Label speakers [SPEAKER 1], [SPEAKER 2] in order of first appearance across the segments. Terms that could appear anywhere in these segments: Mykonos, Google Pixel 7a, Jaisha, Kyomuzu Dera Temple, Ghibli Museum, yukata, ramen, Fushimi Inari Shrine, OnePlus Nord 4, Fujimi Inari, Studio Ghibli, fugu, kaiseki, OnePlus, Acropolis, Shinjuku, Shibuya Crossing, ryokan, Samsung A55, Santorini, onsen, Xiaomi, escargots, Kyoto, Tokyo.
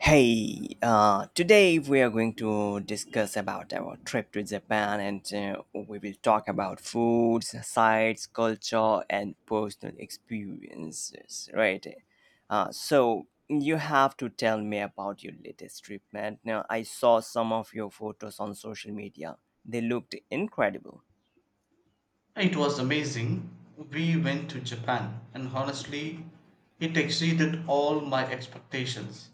[SPEAKER 1] Hey, today we are going to discuss about our trip to Japan and we will talk about foods, sites, culture and personal experiences, right? So you have to tell me about your latest trip, man. Now, I saw some of your photos on social media. They looked incredible.
[SPEAKER 2] It was amazing. We went to Japan, and honestly, it exceeded all my expectations.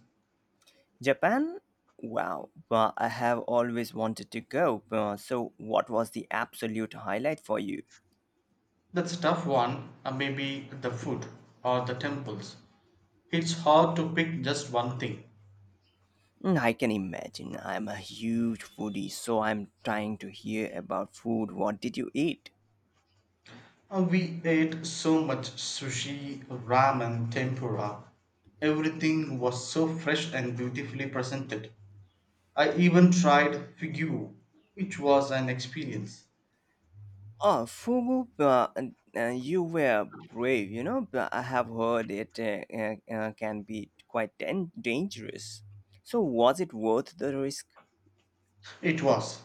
[SPEAKER 1] Japan? Wow, well, I have always wanted to go. So what was the absolute highlight for you?
[SPEAKER 2] That's a tough one, maybe the food or the temples. It's hard to pick just one thing.
[SPEAKER 1] Mm, I can imagine. I'm a huge foodie, so I'm trying to hear about food. What did you eat?
[SPEAKER 2] We ate so much sushi, ramen, tempura. Everything was so fresh and beautifully presented. I even tried fugu, which was an experience.
[SPEAKER 1] Oh, fugu. You were brave, you know. But I have heard it can be quite dangerous. So, was it worth the risk?
[SPEAKER 2] It was.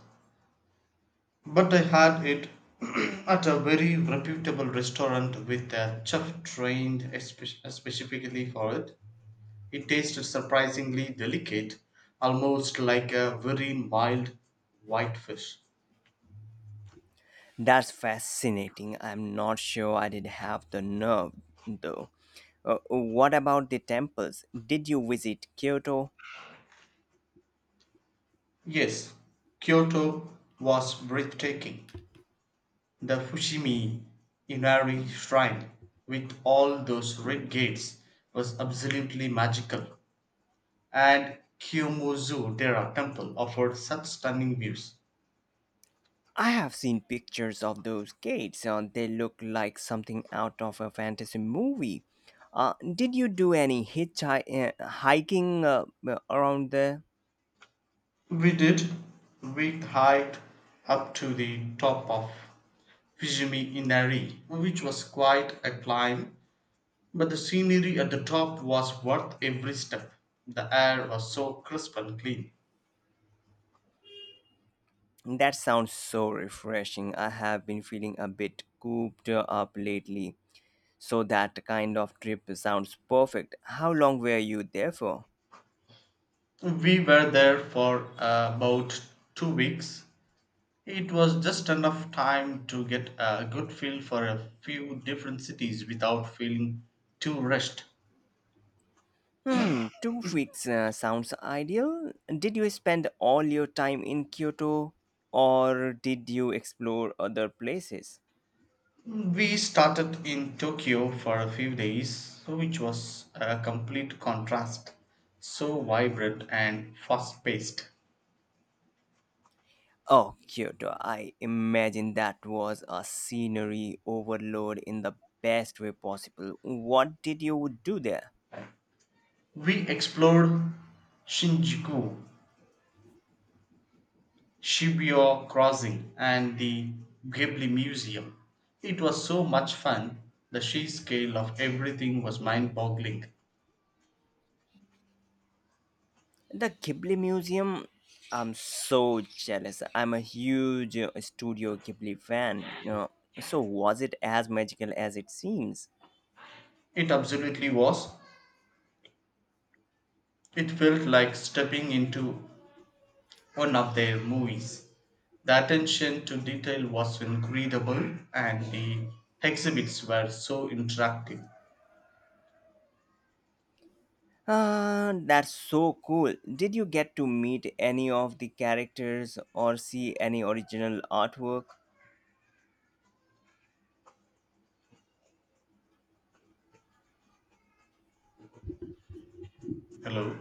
[SPEAKER 2] But I had it at a very reputable restaurant with a chef trained specifically for it. It tasted surprisingly delicate, almost like a very mild whitefish.
[SPEAKER 1] That's fascinating. I'm not sure I did have the nerve, though. What about the temples? Did you visit Kyoto?
[SPEAKER 2] Yes, Kyoto was breathtaking. The Fushimi Inari Shrine, with all those red gates, was absolutely magical, and Kyomuzu Dera Temple offered such stunning views.
[SPEAKER 1] I have seen pictures of those gates, and they look like something out of a fantasy movie. Did you do any hitchhiking hiking, around there?
[SPEAKER 2] We did. We hiked up to the top of Fujimi Inari, which was quite a climb, but the scenery at the top was worth every step. The air was so crisp and clean.
[SPEAKER 1] That sounds so refreshing. I have been feeling a bit cooped up lately, so that kind of trip sounds perfect. How long were you there for?
[SPEAKER 2] We were there for about 2 weeks. It was just enough time to get a good feel for a few different cities without feeling too rushed.
[SPEAKER 1] Hmm, two weeks sounds ideal. Did you spend all your time in Kyoto, or did you explore other places?
[SPEAKER 2] We started in Tokyo for a few days, so which was a complete contrast, so vibrant and fast paced.
[SPEAKER 1] Oh, Kyoto. I imagine that was a scenery overload in the best way possible. What did you do there?
[SPEAKER 2] We explored Shinjuku, Shibuya Crossing, and the Ghibli Museum. It was so much fun, the sheer scale of everything was mind boggling.
[SPEAKER 1] The Ghibli Museum? I'm so jealous. I'm a huge Studio Ghibli fan. No, so, was it as magical as it seems?
[SPEAKER 2] It absolutely was. It felt like stepping into one of their movies. The attention to detail was incredible and the exhibits were so interactive.
[SPEAKER 1] Ah, that's so cool. Did you get to meet any of the characters or see any original artwork?
[SPEAKER 2] Hello?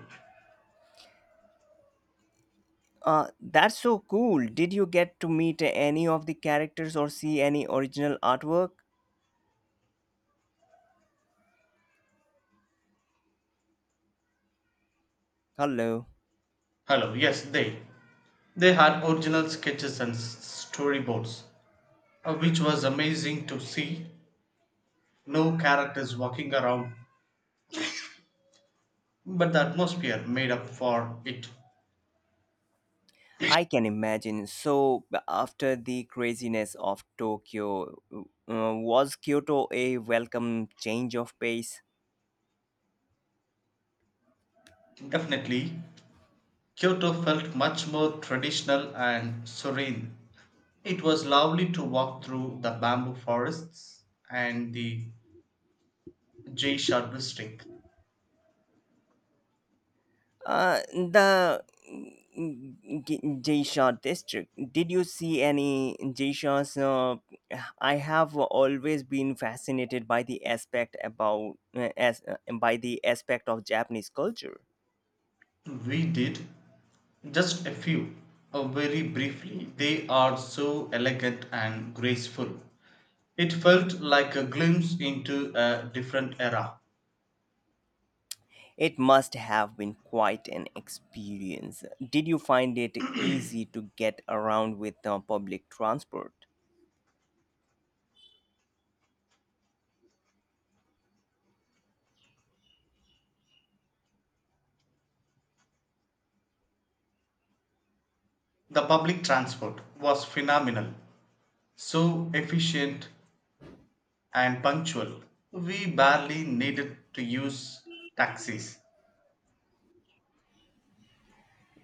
[SPEAKER 1] That's so cool. Did you get to meet any of the characters or see any original artwork? Hello.
[SPEAKER 2] Hello, yes. They had original sketches and storyboards, which was amazing to see. No characters walking around, but the atmosphere made up for it.
[SPEAKER 1] I can imagine. So, after the craziness of Tokyo, was Kyoto a welcome change of pace?
[SPEAKER 2] Definitely, Kyoto felt much more traditional and serene. It was lovely to walk through the bamboo forests and the J. Sharbustik.
[SPEAKER 1] The Jaisha district. Did you see any Jaishas? I have always been fascinated by the aspect about as by the aspect of Japanese culture.
[SPEAKER 2] We did. Just a few. Very briefly, they are so elegant and graceful. It felt like a glimpse into a different era.
[SPEAKER 1] It must have been quite an experience. Did you find it easy to get around with public transport?
[SPEAKER 2] The public transport was phenomenal, so efficient and punctual. We barely needed to use taxis.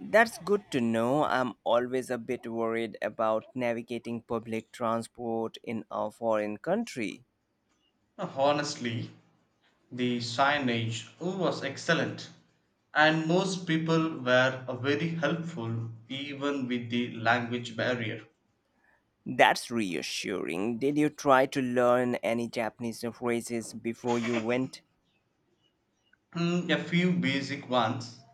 [SPEAKER 1] That's good to know. I'm always a bit worried about navigating public transport in a foreign country.
[SPEAKER 2] Honestly, the signage was excellent, and most people were very helpful even with the language barrier.
[SPEAKER 1] That's reassuring. Did you try to learn any Japanese phrases before you went?
[SPEAKER 2] Mm, a few basic ones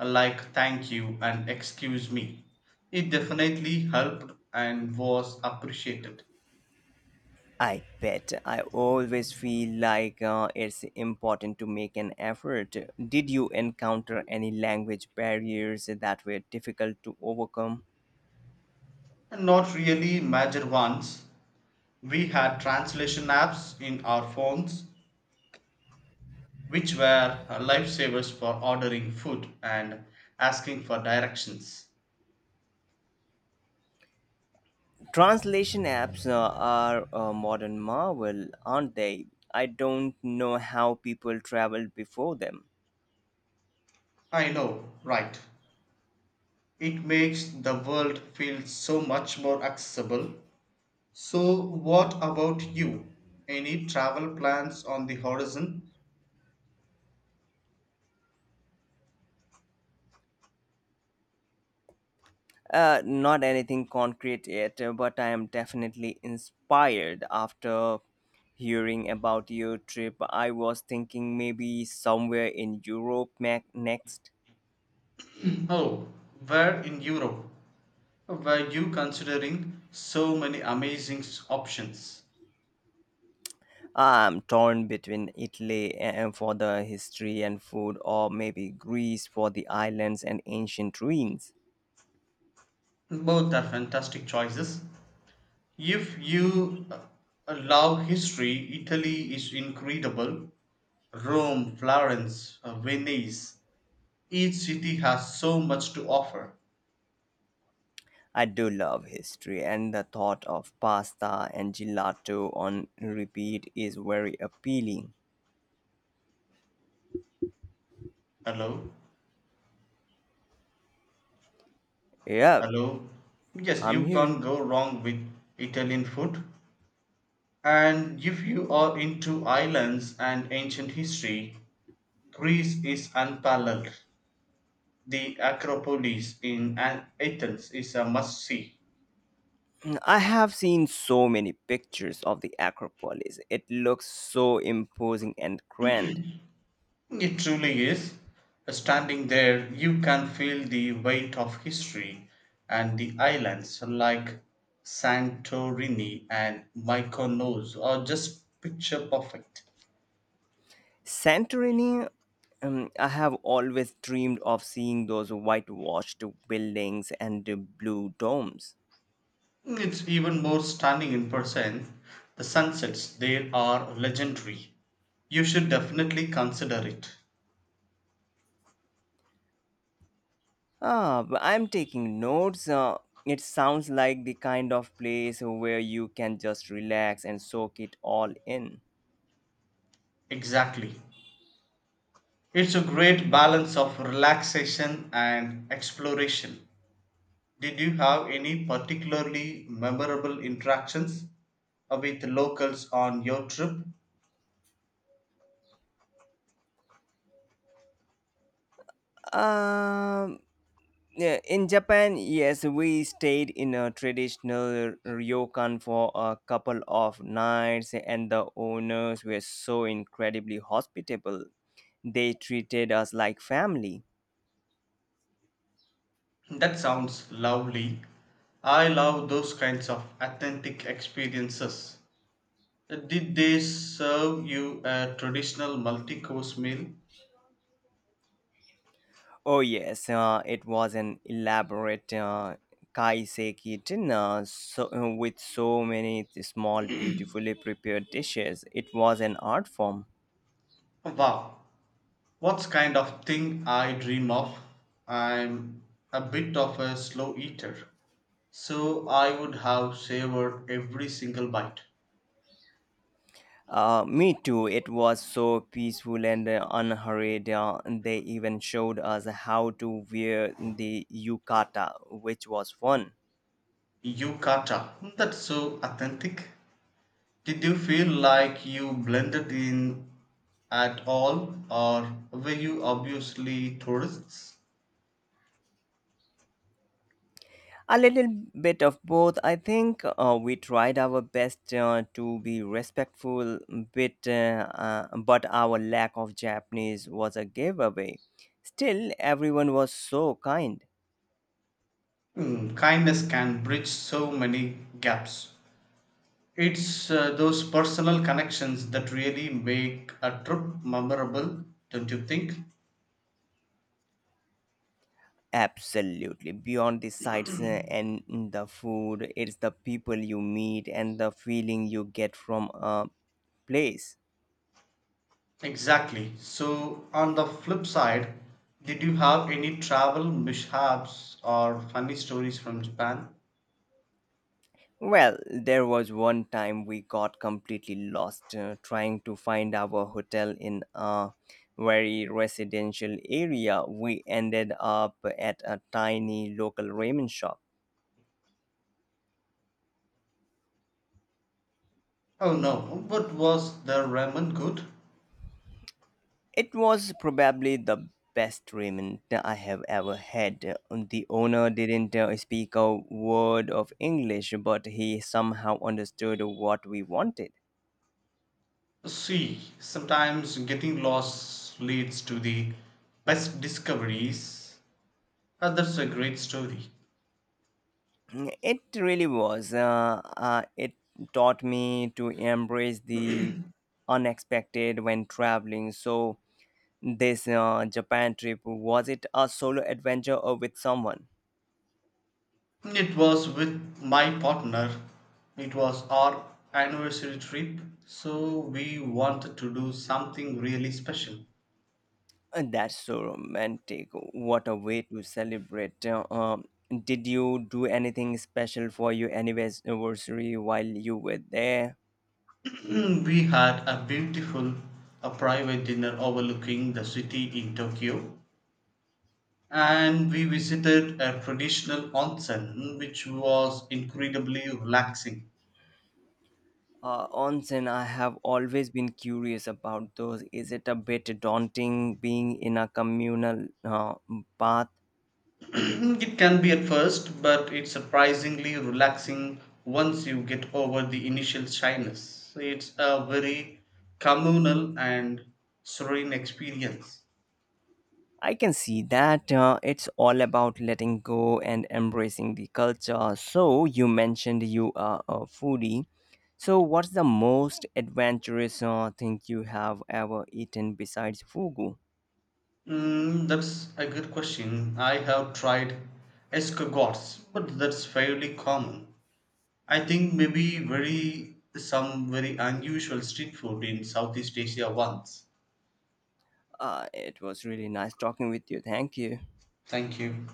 [SPEAKER 2] like thank you and excuse me. It definitely helped and was appreciated.
[SPEAKER 1] I bet. I always feel like it's important to make an effort. Did you encounter any language barriers that were difficult to overcome?
[SPEAKER 2] And not really major ones. We had translation apps in our phones which were lifesavers for ordering food and asking for directions.
[SPEAKER 1] Translation apps are a modern marvel, aren't they? I don't know how people traveled before them.
[SPEAKER 2] I know, right? It makes the world feel so much more accessible. So, what about you? Any travel plans on the horizon?
[SPEAKER 1] Not anything concrete yet, but I am definitely inspired after hearing about your trip. I was thinking maybe somewhere in Europe next.
[SPEAKER 2] Oh, where in Europe were you considering so many amazing options?
[SPEAKER 1] I'm torn between Italy for the history and food, or maybe Greece for the islands and ancient ruins.
[SPEAKER 2] Both are fantastic choices. If you love history, Italy is incredible. Rome, Florence, Venice, each city has so much to offer.
[SPEAKER 1] I do love history, and the thought of pasta and gelato on repeat is very appealing.
[SPEAKER 2] Hello?
[SPEAKER 1] Yeah,
[SPEAKER 2] Hello? Yes,
[SPEAKER 1] I'm
[SPEAKER 2] you can't
[SPEAKER 1] here.
[SPEAKER 2] go wrong with Italian food. And if you are into islands and ancient history, Greece is unparalleled. The Acropolis in Athens is a must see.
[SPEAKER 1] Mm, I have seen so many pictures of the Acropolis. It looks so imposing and grand.
[SPEAKER 2] It truly is. Standing there, you can feel the weight of history and the islands like Santorini and Mykonos are just picture perfect.
[SPEAKER 1] Santorini, I have always dreamed of seeing those whitewashed buildings and the blue domes.
[SPEAKER 2] It's even more stunning in person. The sunsets there are legendary. You should definitely consider it.
[SPEAKER 1] Ah, but I'm taking notes. It sounds like the kind of place where you can just relax and soak it all in.
[SPEAKER 2] Exactly. It's a great balance of relaxation and exploration. Did you have any particularly memorable interactions with locals on your trip?
[SPEAKER 1] Um, Yeah, in Japan, yes, we stayed in a traditional ryokan for a couple of nights, and the owners were so incredibly hospitable. They treated us like family.
[SPEAKER 2] That sounds lovely. I love those kinds of authentic experiences. Did they serve you a traditional multi course meal?
[SPEAKER 1] Oh yes, it was an elaborate kaiseki dinner with so many small, beautifully prepared dishes. It was an art form.
[SPEAKER 2] Wow, what's kind of thing I dream of? I'm a bit of a slow eater, so I would have savored every single bite.
[SPEAKER 1] Me too. It was so peaceful and unhurried. They even showed us how to wear the yukata, which was fun.
[SPEAKER 2] Yukata. That's so authentic. Did you feel like you blended in at all, or were you obviously tourists?
[SPEAKER 1] A little bit of both, I think. We tried our best to be respectful, bit, uh, but our lack of Japanese was a giveaway. Still, everyone was so kind.
[SPEAKER 2] Hmm, kindness can bridge so many gaps. It's those personal connections that really make a trip memorable, don't you think?
[SPEAKER 1] Absolutely. Beyond the sights and the food, it's the people you meet and the feeling you get from a place.
[SPEAKER 2] Exactly. So, on the flip side, did you have any travel mishaps or funny stories from Japan?
[SPEAKER 1] Well, there was one time we got completely lost trying to find our hotel in a very residential area. We ended up at a tiny local ramen shop.
[SPEAKER 2] Oh no, but was the ramen good?
[SPEAKER 1] It was probably the best ramen I have ever had. The owner didn't speak a word of English, but he somehow understood what we wanted.
[SPEAKER 2] See, sometimes getting lost leads to the best discoveries. And that's a great story.
[SPEAKER 1] It really was. It taught me to embrace the unexpected when traveling. So, this Japan trip was it a solo adventure or with someone?
[SPEAKER 2] It was with my partner. It was our anniversary trip, so we wanted to do something really special.
[SPEAKER 1] And that's so romantic. What a way to celebrate. Did you do anything special for your anniversary while you were there?
[SPEAKER 2] We had a beautiful a private dinner overlooking the city in Tokyo, and we visited a traditional onsen which was incredibly relaxing.
[SPEAKER 1] Onsen, I have always been curious about those. Is it a bit daunting being in a communal bath?
[SPEAKER 2] It can be at first, but it's surprisingly relaxing once you get over the initial shyness. It's a very communal and serene experience.
[SPEAKER 1] I can see that it's all about letting go and embracing the culture. So, you mentioned you are a foodie. So, what's the most adventurous thing you have ever eaten besides fugu?
[SPEAKER 2] Mm, that's a good question. I have tried escargots, but that's fairly common. I think maybe very some very unusual street food in Southeast Asia once.
[SPEAKER 1] It was really nice talking with you. Thank you.
[SPEAKER 2] Thank you.